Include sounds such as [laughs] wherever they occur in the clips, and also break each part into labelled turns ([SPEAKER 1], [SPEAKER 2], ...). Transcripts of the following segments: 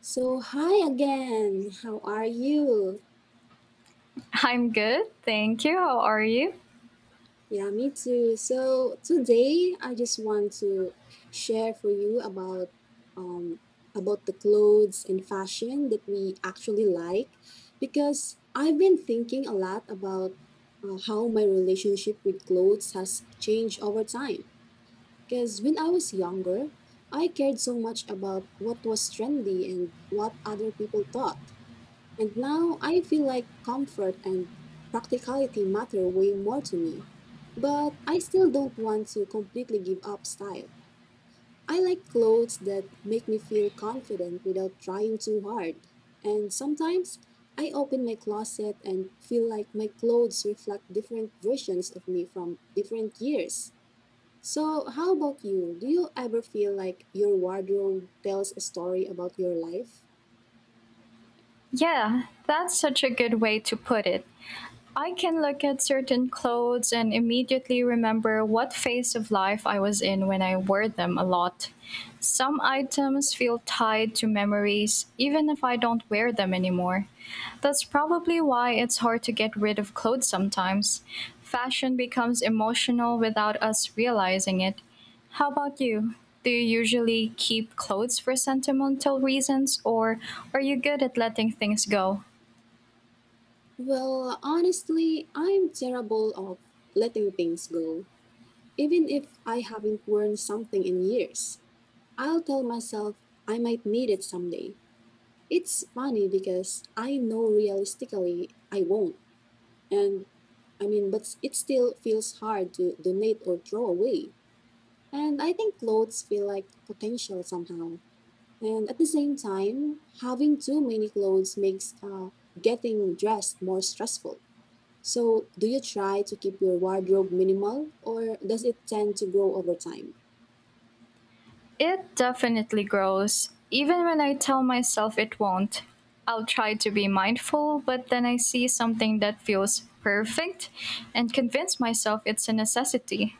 [SPEAKER 1] So, hi again. How are you?
[SPEAKER 2] I'm good, thank you. How are you?
[SPEAKER 1] Yeah, me too. So, today I just want to share for you um about the clothes and fashion that we actually like because I've been thinking a lot about how my relationship with clothes has changed over time. Because when I was younger, I cared so much about what was trendy and what other people thought. And now I feel like comfort and practicality matter way more to me. But I still don't want to completely give up style. I like clothes that make me feel confident without trying too hard. And sometimes I open my closet and feel like my clothes reflect different versions of me from different years. So, how about you? Do you ever feel like your wardrobe tells a story about your life?
[SPEAKER 2] Yeah, that's such a good way to put it. I can look at certain clothes and immediately remember what phase of life I was in when I wore them a lot. Some items feel tied to memories, even if I don't wear them anymore. That's probably why it's hard to get rid of clothes sometimes. Fashion becomes emotional without us realizing it. How about you? Do you usually keep clothes for sentimental reasons, or are you good at letting things go?
[SPEAKER 1] Well, honestly, I'm terrible of letting things go. Even if I haven't worn something in years, I'll tell myself I might need it someday. It's funny because I know realistically I won't. And I mean, but it still feels hard to donate or throw away. And I think clothes feel like potential somehow. And at the same time, having too many clothes makes getting dressed more stressful. So, do you try to keep your wardrobe minimal or does it tend to grow over time?
[SPEAKER 2] It definitely grows. Even when I tell myself it won't, I'll try to be mindful, but then I see something that feels perfect and convince myself it's a necessity.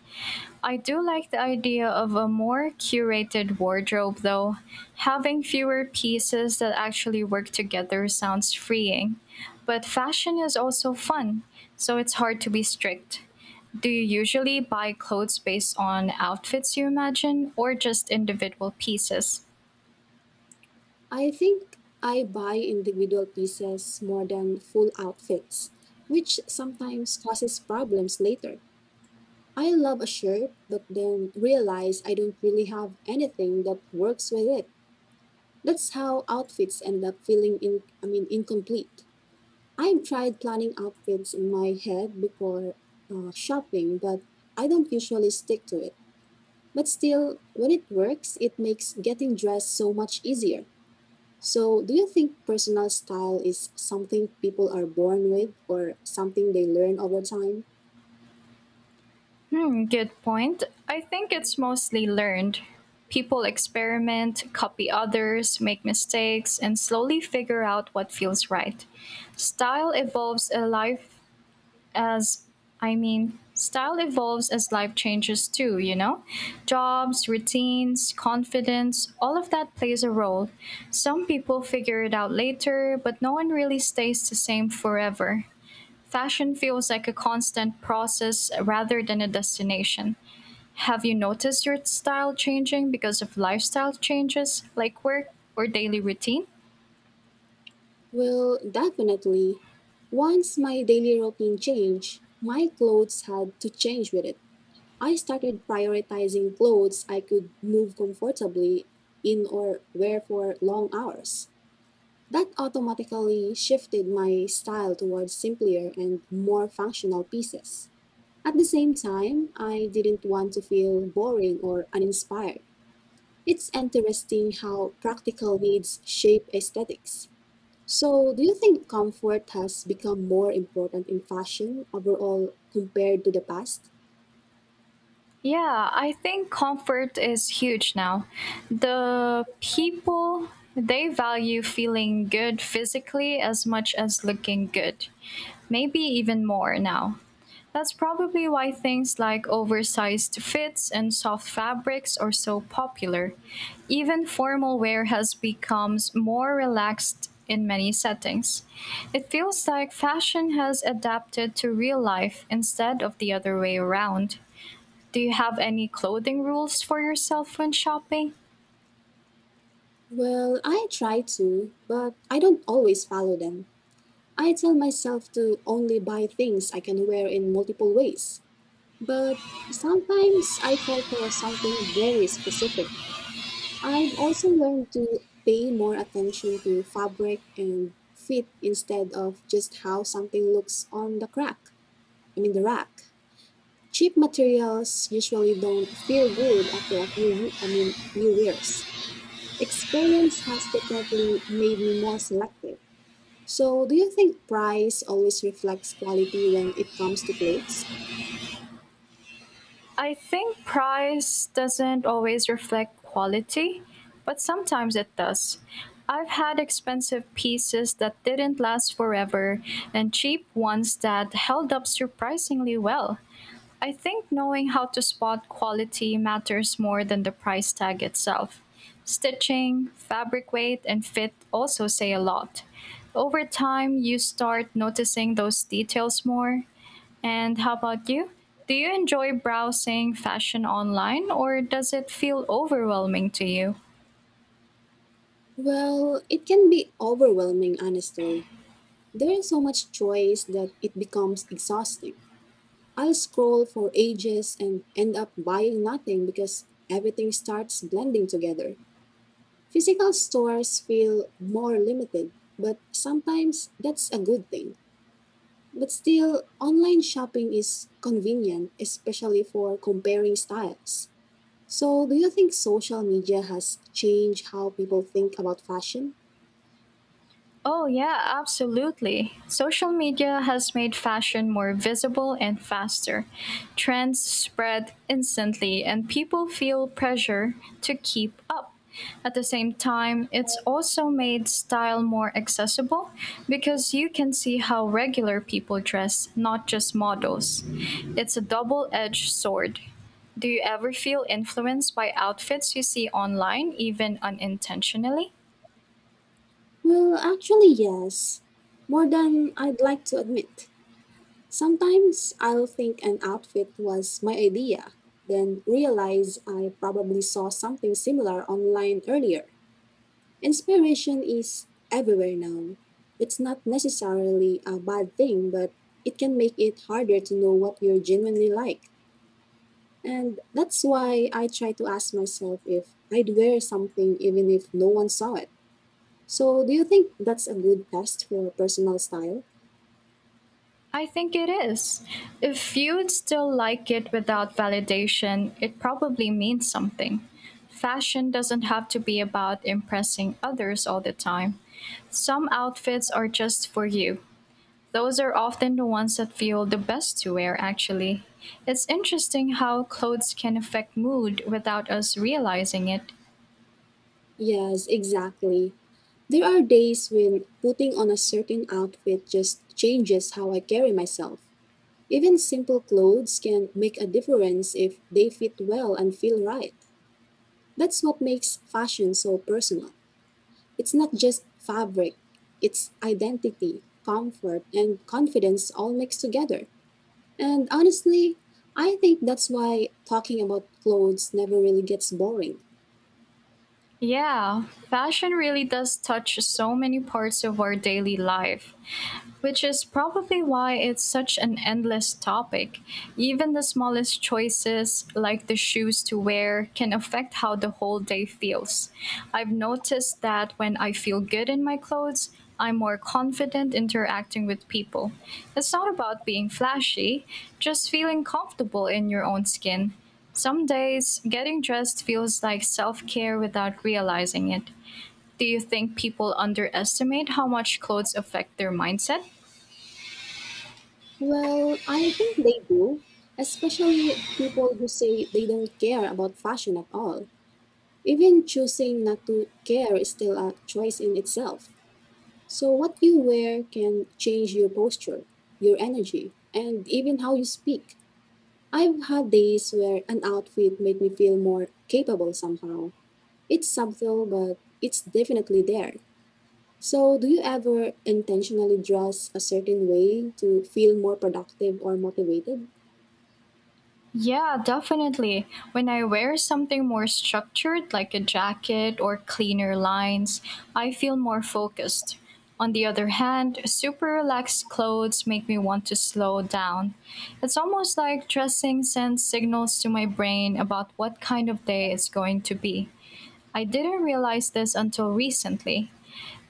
[SPEAKER 2] I do like the idea of a more curated wardrobe, though. Having fewer pieces that actually work together sounds freeing. But fashion is also fun, so it's hard to be strict. Do you usually buy clothes based on outfits you imagine or just individual pieces?
[SPEAKER 1] I think I buy individual pieces more than full outfits, which sometimes causes problems later. I love a shirt, but then realize I don't really have anything that works with it. That's how outfits end up feeling in I mean incomplete. I've tried planning outfits in my head before shopping, but I don't usually stick to it. But still, when it works, it makes getting dressed so much easier. So, do you think personal style is something people are born with or something they learn over time?
[SPEAKER 2] Hmm, good point. I think it's mostly learned. People experiment, copy others, make mistakes, and slowly figure out what feels right. Style evolves alive as Style evolves as life changes too, you know? Jobs, routines, confidence, all of that plays a role. Some people figure it out later, but no one really stays the same forever. Fashion feels like a constant process rather than a destination. Have you noticed your style changing because of lifestyle changes like work or daily routine?
[SPEAKER 1] Well, definitely. Once my daily routine changed, my clothes had to change with it. I started prioritizing clothes I could move comfortably in or wear for long hours. That automatically shifted my style towards simpler and more functional pieces. At the same time, I didn't want to feel boring or uninspired. It's interesting how practical needs shape aesthetics. So, do you think comfort has become more important in fashion overall compared to the past?
[SPEAKER 2] Yeah, I think comfort is huge now. The people, they value feeling good physically as much as looking good, maybe even more now. That's probably why things like oversized fits and soft fabrics are so popular. Even formal wear has become more relaxed in many settings. It feels like fashion has adapted to real life instead of the other way around. Do you have any clothing rules for yourself when shopping?
[SPEAKER 1] Well, I try to, but I don't always follow them. I tell myself to only buy things I can wear in multiple ways. But sometimes I fall for something very specific. I've also learned to pay more attention to fabric and fit instead of just how something looks on the crack. I mean the rack. Cheap materials usually don't feel good after a few I mean few years. Experience has definitely made me more selective. So do you think price always reflects quality when it comes to clothes?
[SPEAKER 2] I think price doesn't always reflect quality, but sometimes it does. I've had expensive pieces that didn't last forever and cheap ones that held up surprisingly well. I think knowing how to spot quality matters more than the price tag itself. Stitching, fabric weight, and fit also say a lot. Over time, you start noticing those details more. And how about you? Do you enjoy browsing fashion online or does it feel overwhelming to you?
[SPEAKER 1] Well, it can be overwhelming, honestly. There is so much choice that it becomes exhausting. I'll scroll for ages and end up buying nothing because everything starts blending together. Physical stores feel more limited, but sometimes that's a good thing. But still, online shopping is convenient, especially for comparing styles. So, do you think social media has changed how people think about fashion?
[SPEAKER 2] Oh, yeah, absolutely. Social media has made fashion more visible and faster. Trends spread instantly, and people feel pressure to keep up. At the same time, it's also made style more accessible because you can see how regular people dress, not just models. It's a double edged sword. Do you ever feel influenced by outfits you see online, even unintentionally?
[SPEAKER 1] Well, actually, yes, more than I'd like to admit. Sometimes I'll think an outfit was my idea, then realize I probably saw something similar online earlier. Inspiration is everywhere now. It's not necessarily a bad thing, but it can make it harder to know what you're genuinely like. And that's why I try to ask myself if I'd wear something even if no one saw it. So, do you think that's a good test for personal style?
[SPEAKER 2] I think it is. If you'd still like it without validation, it probably means something. Fashion doesn't have to be about impressing others all the time. Some outfits are just for you. Those are often the ones that feel the best to wear, actually. It's interesting how clothes can affect mood without us realizing it.
[SPEAKER 1] Yes, exactly. There are days when putting on a certain outfit just changes how I carry myself. Even simple clothes can make a difference if they fit well and feel right. That's what makes fashion so personal. It's not just fabric, it's identity, comfort, and confidence all mixed together. And honestly, I think that's why talking about clothes never really gets boring.
[SPEAKER 2] Yeah, fashion really does touch so many parts of our daily life. Which is probably why it's such an endless topic. Even the smallest choices, like the shoes to wear, can affect how the whole day feels. I've noticed that when I feel good in my clothes, I'm more confident interacting with people. It's not about being flashy, just feeling comfortable in your own skin. Some days, getting dressed feels like self care without realizing it. Do you think people underestimate how much clothes affect their mindset?
[SPEAKER 1] Well, I think they do, especially people who say they don't care about fashion at all. Even choosing not to care is still a choice in itself. So, what you wear can change your posture, your energy, and even how you speak. I've had days where an outfit made me feel more capable somehow. It's subtle, but it's definitely there. So, do you ever intentionally dress a certain way to feel more productive or motivated?
[SPEAKER 2] Yeah, definitely. When I wear something more structured, like a jacket or cleaner lines, I feel more focused. On the other hand, super relaxed clothes make me want to slow down. It's almost like dressing sends signals to my brain about what kind of day it's going to be. I didn't realize this until recently.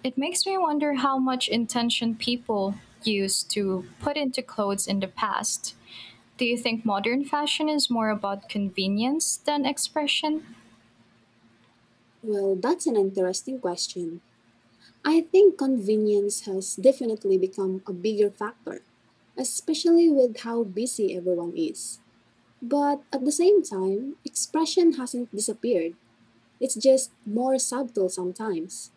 [SPEAKER 2] It makes me wonder how much intention people used to put into clothes in the past. Do you think modern fashion is more about convenience than expression?
[SPEAKER 1] Well, that's an interesting question. I think convenience has definitely become a bigger factor, especially with how busy everyone is. But at the same time, expression hasn't disappeared. It's just more subtle sometimes.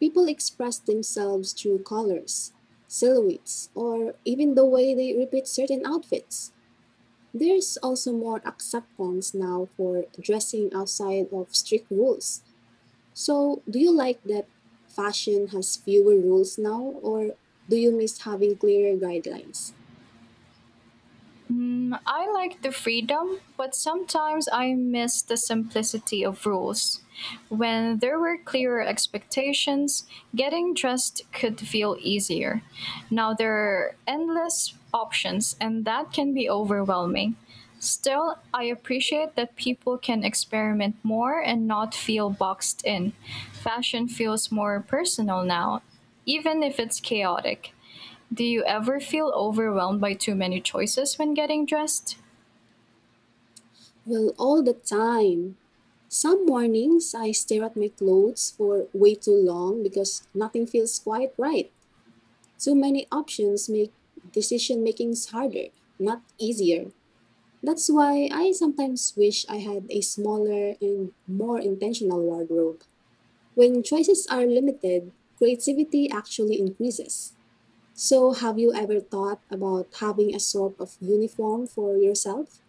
[SPEAKER 1] People express themselves through colors, silhouettes, or even the way they repeat certain outfits. There's also more acceptance now for dressing outside of strict rules. So, do you like that fashion has fewer rules now, or do you miss having clearer guidelines?
[SPEAKER 2] Mm, I like the freedom, but sometimes I miss the simplicity of rules. When there were clearer expectations, getting dressed could feel easier. Now there are endless options, and that can be overwhelming. Still, I appreciate that people can experiment more and not feel boxed in. Fashion feels more personal now, even if it's chaotic. Do you ever feel overwhelmed by too many choices when getting dressed?
[SPEAKER 1] Well, all the time. Some mornings I stare at my clothes for way too long because nothing feels quite right. Too many options make decision makings harder, not easier. That's why I sometimes wish I had a smaller and more intentional wardrobe. When choices are limited, creativity actually increases. So, have you ever thought about having a sort of uniform for yourself?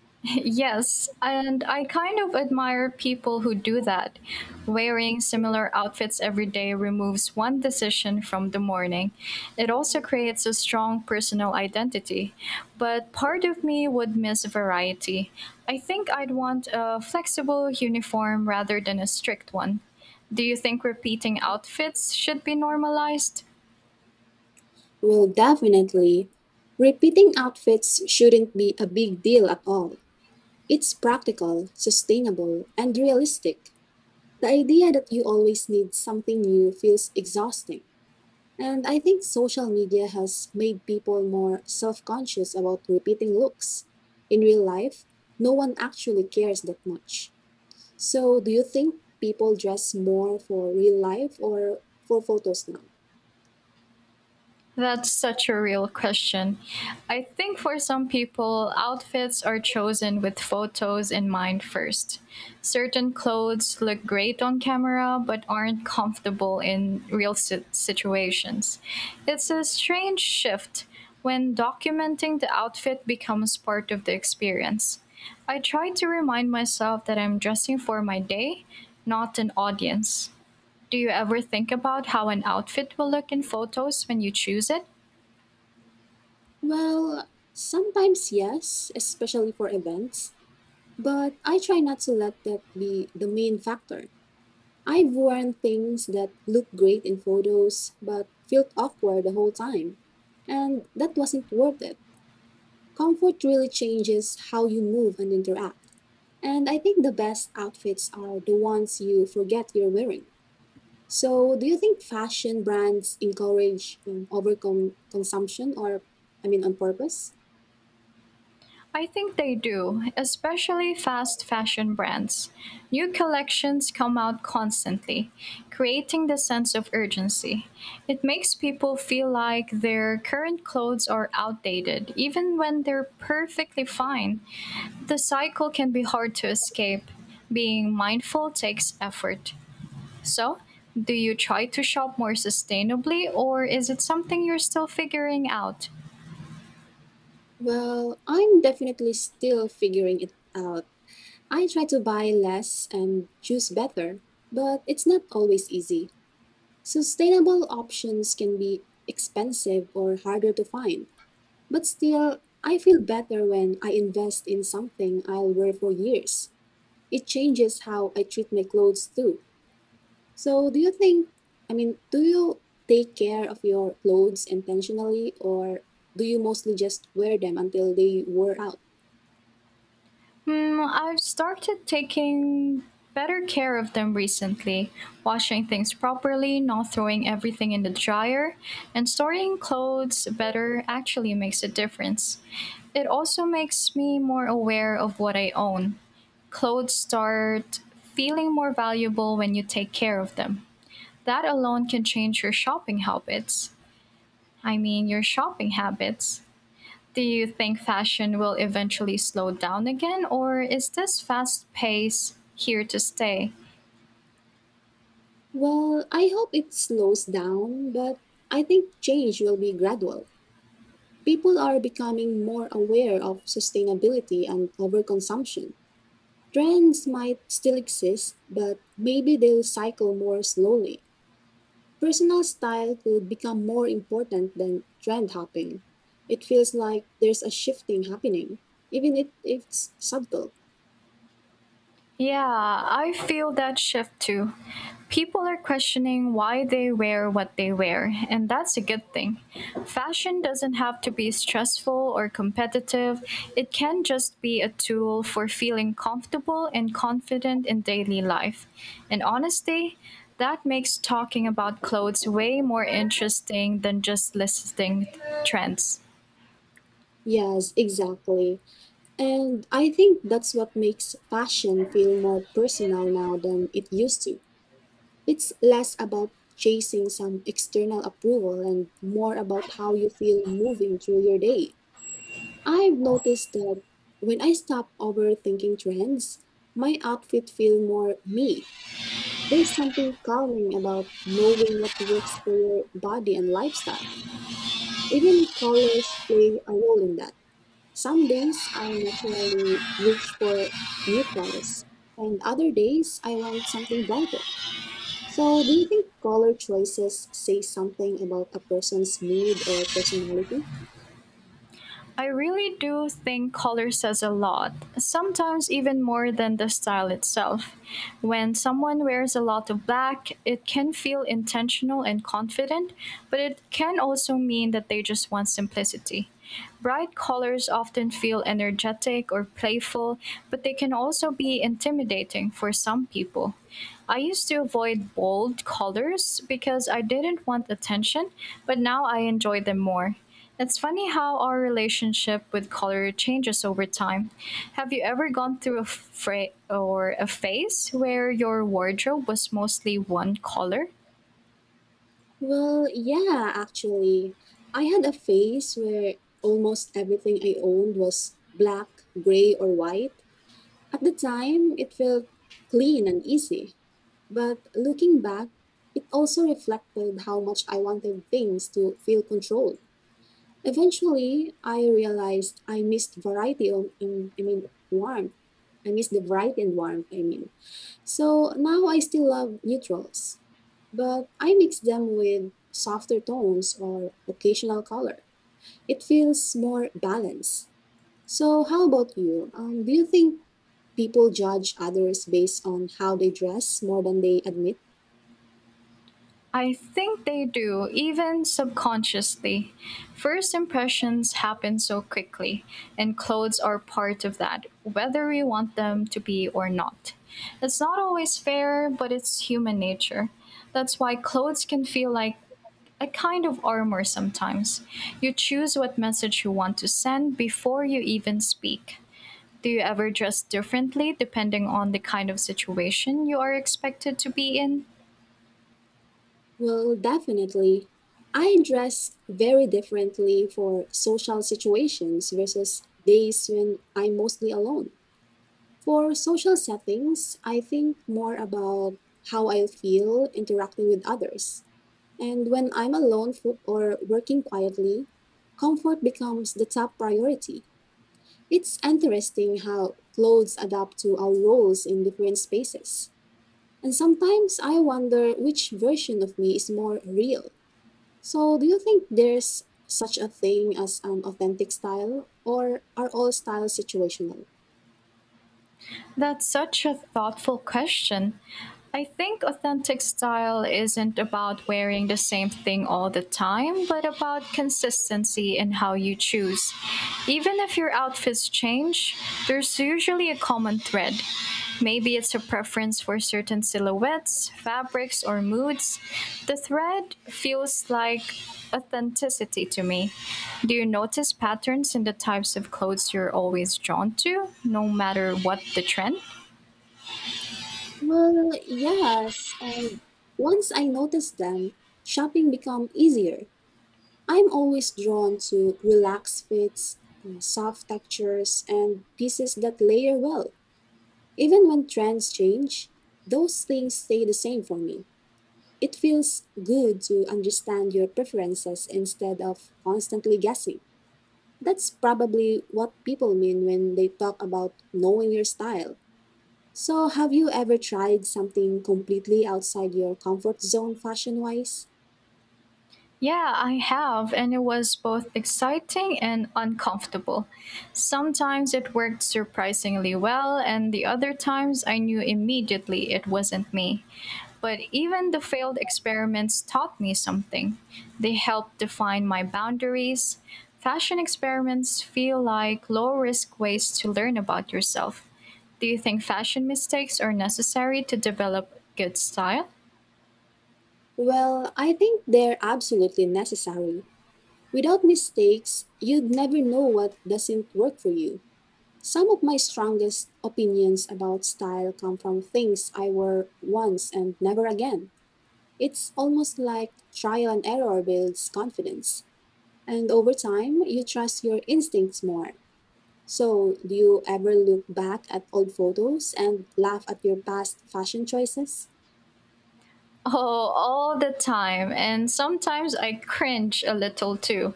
[SPEAKER 2] [laughs] Yes, and I kind of admire people who do that. Wearing similar outfits every day removes one decision from the morning. It also creates a strong personal identity. But part of me would miss variety. I think I'd want a flexible uniform rather than a strict one. Do you think repeating outfits should be normalized?
[SPEAKER 1] Well, definitely. Repeating outfits shouldn't be a big deal at all. It's practical, sustainable, and realistic. The idea that you always need something new feels exhausting. And I think social media has made people more self conscious about repeating looks. In real life, no one actually cares that much. So, do you think people dress more for real life or for photos now?
[SPEAKER 2] That's such a real question. I think for some people, outfits are chosen with photos in mind first. Certain clothes look great on camera but aren't comfortable in situations. It's a strange shift when documenting the outfit becomes part of the experience. I try to remind myself that I'm dressing for my day, not an audience. Do you ever think about how an outfit will look in photos when you choose it?
[SPEAKER 1] Well, sometimes yes, especially for events, but I try not to let that be the main factor. I've worn things that look great in photos but felt awkward the whole time, and that wasn't worth it. Comfort really changes how you move and interact, and I think the best outfits are the ones you forget you're wearing. So, do you think fashion brands encourage consumption or, I mean, on purpose?
[SPEAKER 2] I think they do, especially fast fashion brands. New collections come out constantly, creating the sense of urgency. It makes people feel like their current clothes are outdated, even when they're perfectly fine. The cycle can be hard to escape. Being mindful takes effort. So, do you try to shop more sustainably, or is it something you're still figuring out?
[SPEAKER 1] Well, I'm definitely still figuring it out. I try to buy less and choose better, but it's not always easy. Sustainable options can be expensive or harder to find, but still, I feel better when I invest in something I'll wear for years. It changes how I treat my clothes too. So, I mean, do you take care of your clothes intentionally or do you mostly just wear them until they wear out?
[SPEAKER 2] Hmm, I've started taking better care of them recently, washing things properly, not throwing everything in the dryer, and storing clothes better actually makes a difference. It also makes me more aware of what I own. Clothes start feeling more valuable when you take care of them. That alone can change your shopping habits. Your shopping habits, do you think fashion will eventually slow down again, or is this fast pace here to stay?
[SPEAKER 1] Well, I hope it slows down, but I think change will be gradual. People are becoming more aware of sustainability and overconsumption. Trends might still exist, but maybe they'll cycle more slowly. Personal style could become more important than trend hopping. It feels like there's a shifting happening, even if it's subtle.
[SPEAKER 2] Yeah, I feel that shift too. People are questioning why they wear what they wear, and that's a good thing. Fashion doesn't have to be stressful or competitive, it can just be a tool for feeling comfortable and confident in daily life. And honestly, that makes talking about clothes way more interesting than just listing trends.
[SPEAKER 1] Yes, exactly. And I think that's what makes fashion feel more personal now than it used to. It's less about chasing some external approval and more about how you feel moving through your day. I've noticed that when I stop overthinking trends, my outfit feel more me. There's something calming about knowing what works for your body and lifestyle. Even colors play a role in that. Some days I naturally reach for neutrals, and other days I want something brighter. So, do you think color choices say something about a person's mood or personality?
[SPEAKER 2] I really do think color says a lot, sometimes even more than the style itself. When someone wears a lot of black, it can feel intentional and confident, but it can also mean that they just want simplicity. Bright colors often feel energetic or playful, but they can also be intimidating for some people. I used to avoid bold colors because I didn't want attention, but now I enjoy them more. It's funny how our relationship with color changes over time. Have you ever gone through a fra- or a phase where your wardrobe was mostly one color?
[SPEAKER 1] Well, yeah, actually. I had a phase where almost everything I owned was black, gray, or white. At the time, it felt clean and easy. But looking back, it also reflected how much I wanted things to feel controlled. Eventually, I realized I missed I mean, warmth. I missed the variety and warmth, I mean. So now I still love neutrals, but I mix them with softer tones or occasional color. It feels more balanced. So, how about you? Do you think people judge others based on how they dress more than they admit?
[SPEAKER 2] I think they do, even subconsciously. First impressions happen so quickly, and clothes are part of that, whether we want them to be or not. It's not always fair, but it's human nature. That's why clothes can feel like a kind of armor sometimes. You choose what message you want to send before you even speak. Do you ever dress differently depending on the kind of situation you are expected to be in?
[SPEAKER 1] Well, definitely. I dress very differently for social situations versus days when I'm mostly alone. For social settings, I think more about how I feel interacting with others. And when I'm alone or working quietly, comfort becomes the top priority. It's interesting how clothes adapt to our roles in different spaces. And sometimes I wonder which version of me is more real. So, do you think there's such a thing as an authentic style, or are all styles situational?
[SPEAKER 2] That's such a thoughtful question. I think authentic style isn't about wearing the same thing all the time, but about consistency in how you choose. Even if your outfits change, there's usually a common thread. Maybe it's a preference for certain silhouettes, fabrics, or moods. The thread feels like authenticity to me. Do you notice patterns in the types of clothes you're always drawn to, no matter what the trend?
[SPEAKER 1] Well, yes, and once I noticed them, shopping become easier. I'm always drawn to relaxed fits, soft textures, and pieces that layer well. Even when trends change, those things stay the same for me. It feels good to understand your preferences instead of constantly guessing. That's probably what people mean when they talk about knowing your style. So, have you ever tried something completely outside your comfort zone fashion wise?
[SPEAKER 2] Yeah, I have, and it was both exciting and uncomfortable. Sometimes it worked surprisingly well, and the other times I knew immediately it wasn't me. But even the failed experiments taught me something. They helped define my boundaries. Fashion experiments feel like low risk ways to learn about yourself. Do you think fashion mistakes are necessary to develop good style?
[SPEAKER 1] Well, I think they're absolutely necessary. Without mistakes, you'd never know what doesn't work for you. Some of my strongest opinions about style come from things I wore once and never again. It's almost like trial and error builds confidence. And over time, you trust your instincts more. So, do you ever look back at old photos and laugh at your past fashion choices?
[SPEAKER 2] Oh, all the time. And sometimes I cringe a little too.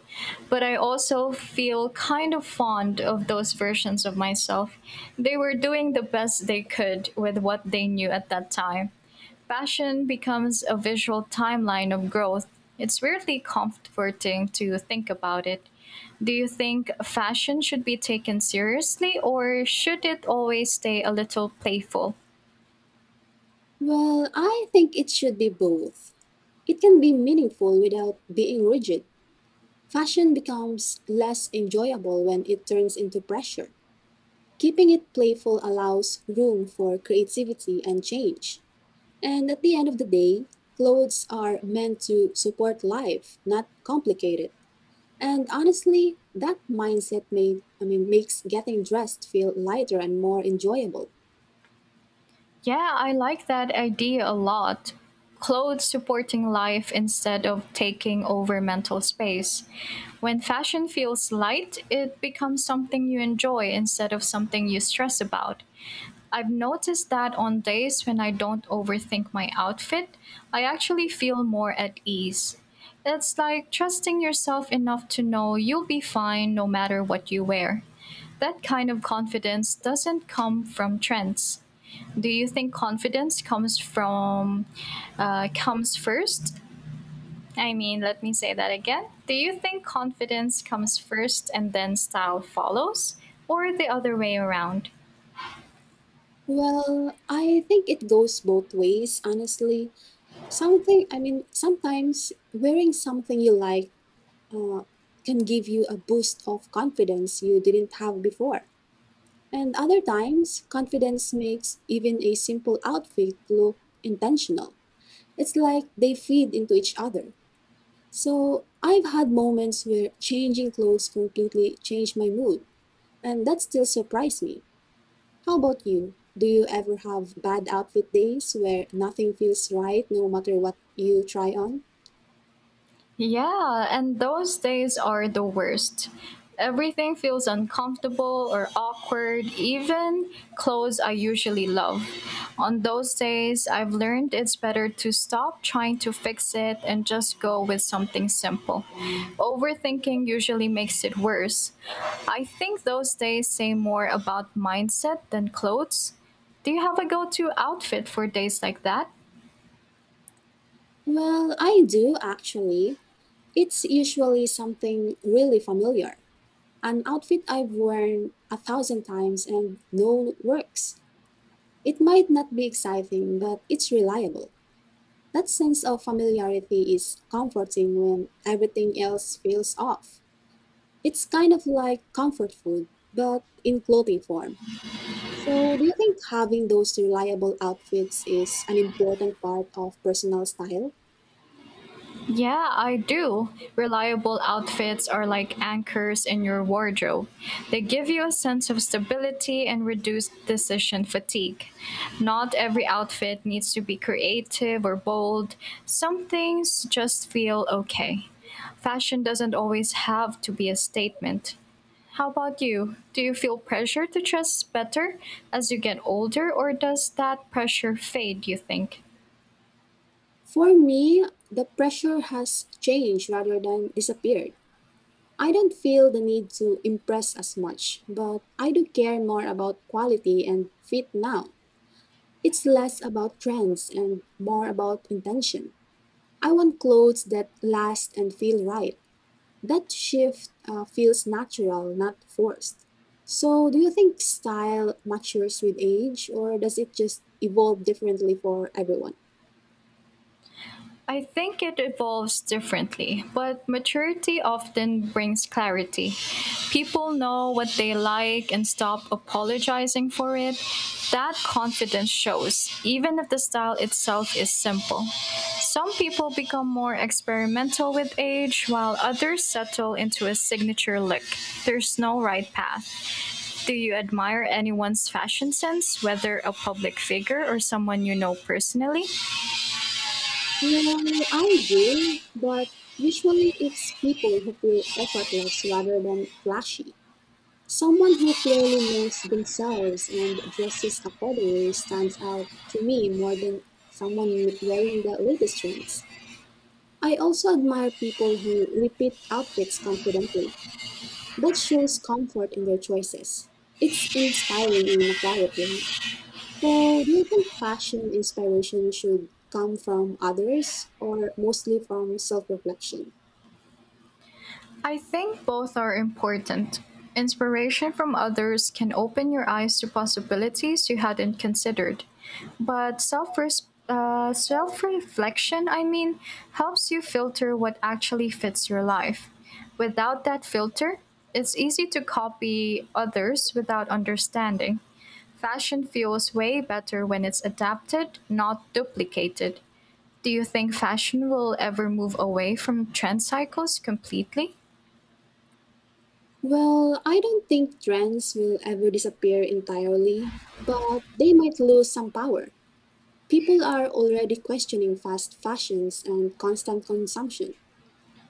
[SPEAKER 2] But I also feel kind of fond of those versions of myself. They were doing the best they could with what they knew at that time. Passion becomes a visual timeline of growth. It's weirdly comforting to think about it. Do you think fashion should be taken seriously or should it always stay a little playful?
[SPEAKER 1] Well, I think it should be both. It can be meaningful without being rigid. Fashion becomes less enjoyable when it turns into pressure. Keeping it playful allows room for creativity and change. And at the end of the day, clothes are meant to support life, not complicate it. And honestly, that mindset made I mean makes getting dressed feel lighter and more enjoyable.
[SPEAKER 2] Yeah, I like that idea a lot. Clothes supporting life instead of taking over mental space. When fashion feels light, it becomes something you enjoy instead of something you stress about. I've noticed that on days when I don't overthink my outfit, I actually feel more at ease. It's like trusting yourself enough to know you'll be fine no matter what you wear. That kind of confidence doesn't come from trends. Do you think confidence comes from comes first I mean let me say that again do you think confidence comes first and then style follows, or the other way around?
[SPEAKER 1] Well, I think it goes both ways, honestly. Something I mean sometimes wearing something you like uh, can give you a boost of confidence you didn't have before. And other times, confidence makes even a simple outfit look intentional. It's like they feed into each other. So I've had moments where changing clothes completely changed my mood, and that still surprised me. How about you? Do you ever have bad outfit days where nothing feels right no matter what you try on?
[SPEAKER 2] Yeah, and those days are the worst. Everything feels uncomfortable or awkward, even clothes I usually love. On those days, I've learned it's better to stop trying to fix it and just go with something simple. Overthinking usually makes it worse. I think those days say more about mindset than clothes. Do you have a go to outfit for days like that?
[SPEAKER 1] Well, I do actually. It's usually something really familiar, an outfit I've worn a thousand times and know works. It might not be exciting, but it's reliable. That sense of familiarity is comforting when everything else feels off. It's kind of like comfort food, but in clothing form. So, do you think having those reliable outfits is an important part of personal style?
[SPEAKER 2] Yeah, I do. Reliable outfits are like anchors in your wardrobe. They give you a sense of stability and reduce decision fatigue. Not every outfit needs to be creative or bold, some things just feel okay. Fashion doesn't always have to be a statement. How about you? Do you feel pressure to dress better as you get older, or does that pressure fade, you think?
[SPEAKER 1] For me, the pressure has changed rather than disappeared. I don't feel the need to impress as much, but I do care more about quality and fit now. It's less about trends and more about intention. I want clothes that last and feel right. That shift feels natural, not forced. So, do you think style matures with age, or does it just evolve differently for everyone?
[SPEAKER 2] I think it evolves differently, but maturity often brings clarity. People know what they like and stop apologizing for it. That confidence shows, even if the style itself is simple. Some people become more experimental with age, while others settle into a signature look. There's no right path. Do you admire anyone's fashion sense, whether a public figure or someone you know personally?
[SPEAKER 1] Well, I do, but usually it's people who feel effortless rather than flashy. Someone who clearly knows themselves and dresses accordingly stands out to me more than wearing the latest trends. I also admire people who repeat outfits confidently. That shows comfort in their choices. It's inspiring in a quiet way. So, do you think fashion inspiration should come from others or mostly from self reflection?
[SPEAKER 2] I think both are important. Inspiration from others can open your eyes to possibilities you hadn't considered. But self reflection helps you filter what actually fits your life. Without that filter, it's easy to copy others without understanding. Fashion feels way better when it's adapted, not duplicated. Do you think fashion will ever move away from trend cycles completely?
[SPEAKER 1] Well, I don't think trends will ever disappear entirely, but they might lose some power. People are already questioning fast fashions and constant consumption.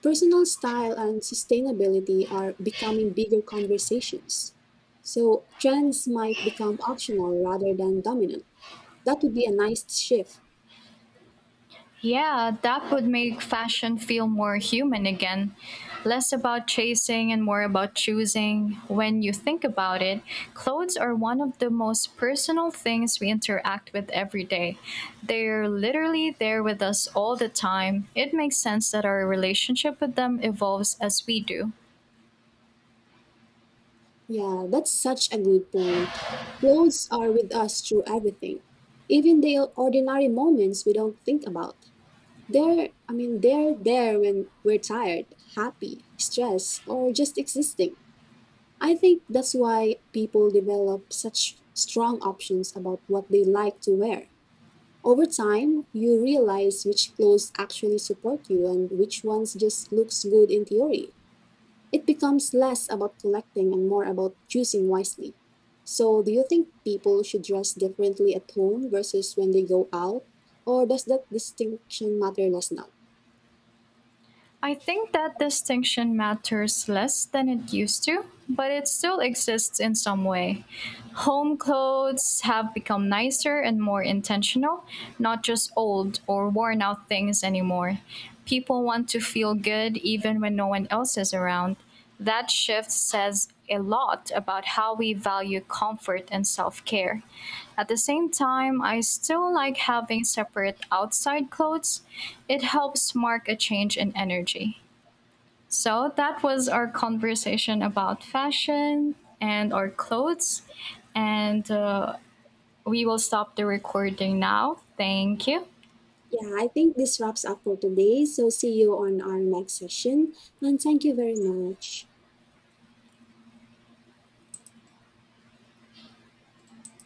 [SPEAKER 1] Personal style and sustainability are becoming bigger conversations. So, trends might become optional rather than dominant. That would be a nice shift.
[SPEAKER 2] Yeah, that would make fashion feel more human again. Less about chasing and more about choosing. When you think about it, clothes are one of the most personal things we interact with every day. They're literally there with us all the time. It makes sense that our relationship with them evolves as we do.
[SPEAKER 1] Yeah, that's such a good point. Clothes are with us through everything, even the ordinary moments we don't think about. They're there when we're tired, happy, stressed, or just existing. I think that's why people develop such strong options about what they like to wear. Over time, you realize which clothes actually support you and which ones just looks good in theory. It becomes less about collecting and more about choosing wisely. So, do you think people should dress differently at home versus when they go out, or does that distinction matter less now?
[SPEAKER 2] I think that distinction matters less than it used to, but it still exists in some way. Home clothes have become nicer and more intentional, not just old or worn out things anymore. People want to feel good even when no one else is around. That shift says a lot about how we value comfort and self care. At the same time, I still like having separate outside clothes. It helps mark a change in energy. So, that was our conversation about fashion and our clothes. And we will stop the recording now. Thank you.
[SPEAKER 1] Yeah, I think this wraps up for today. So see you on our next session. And thank you very much.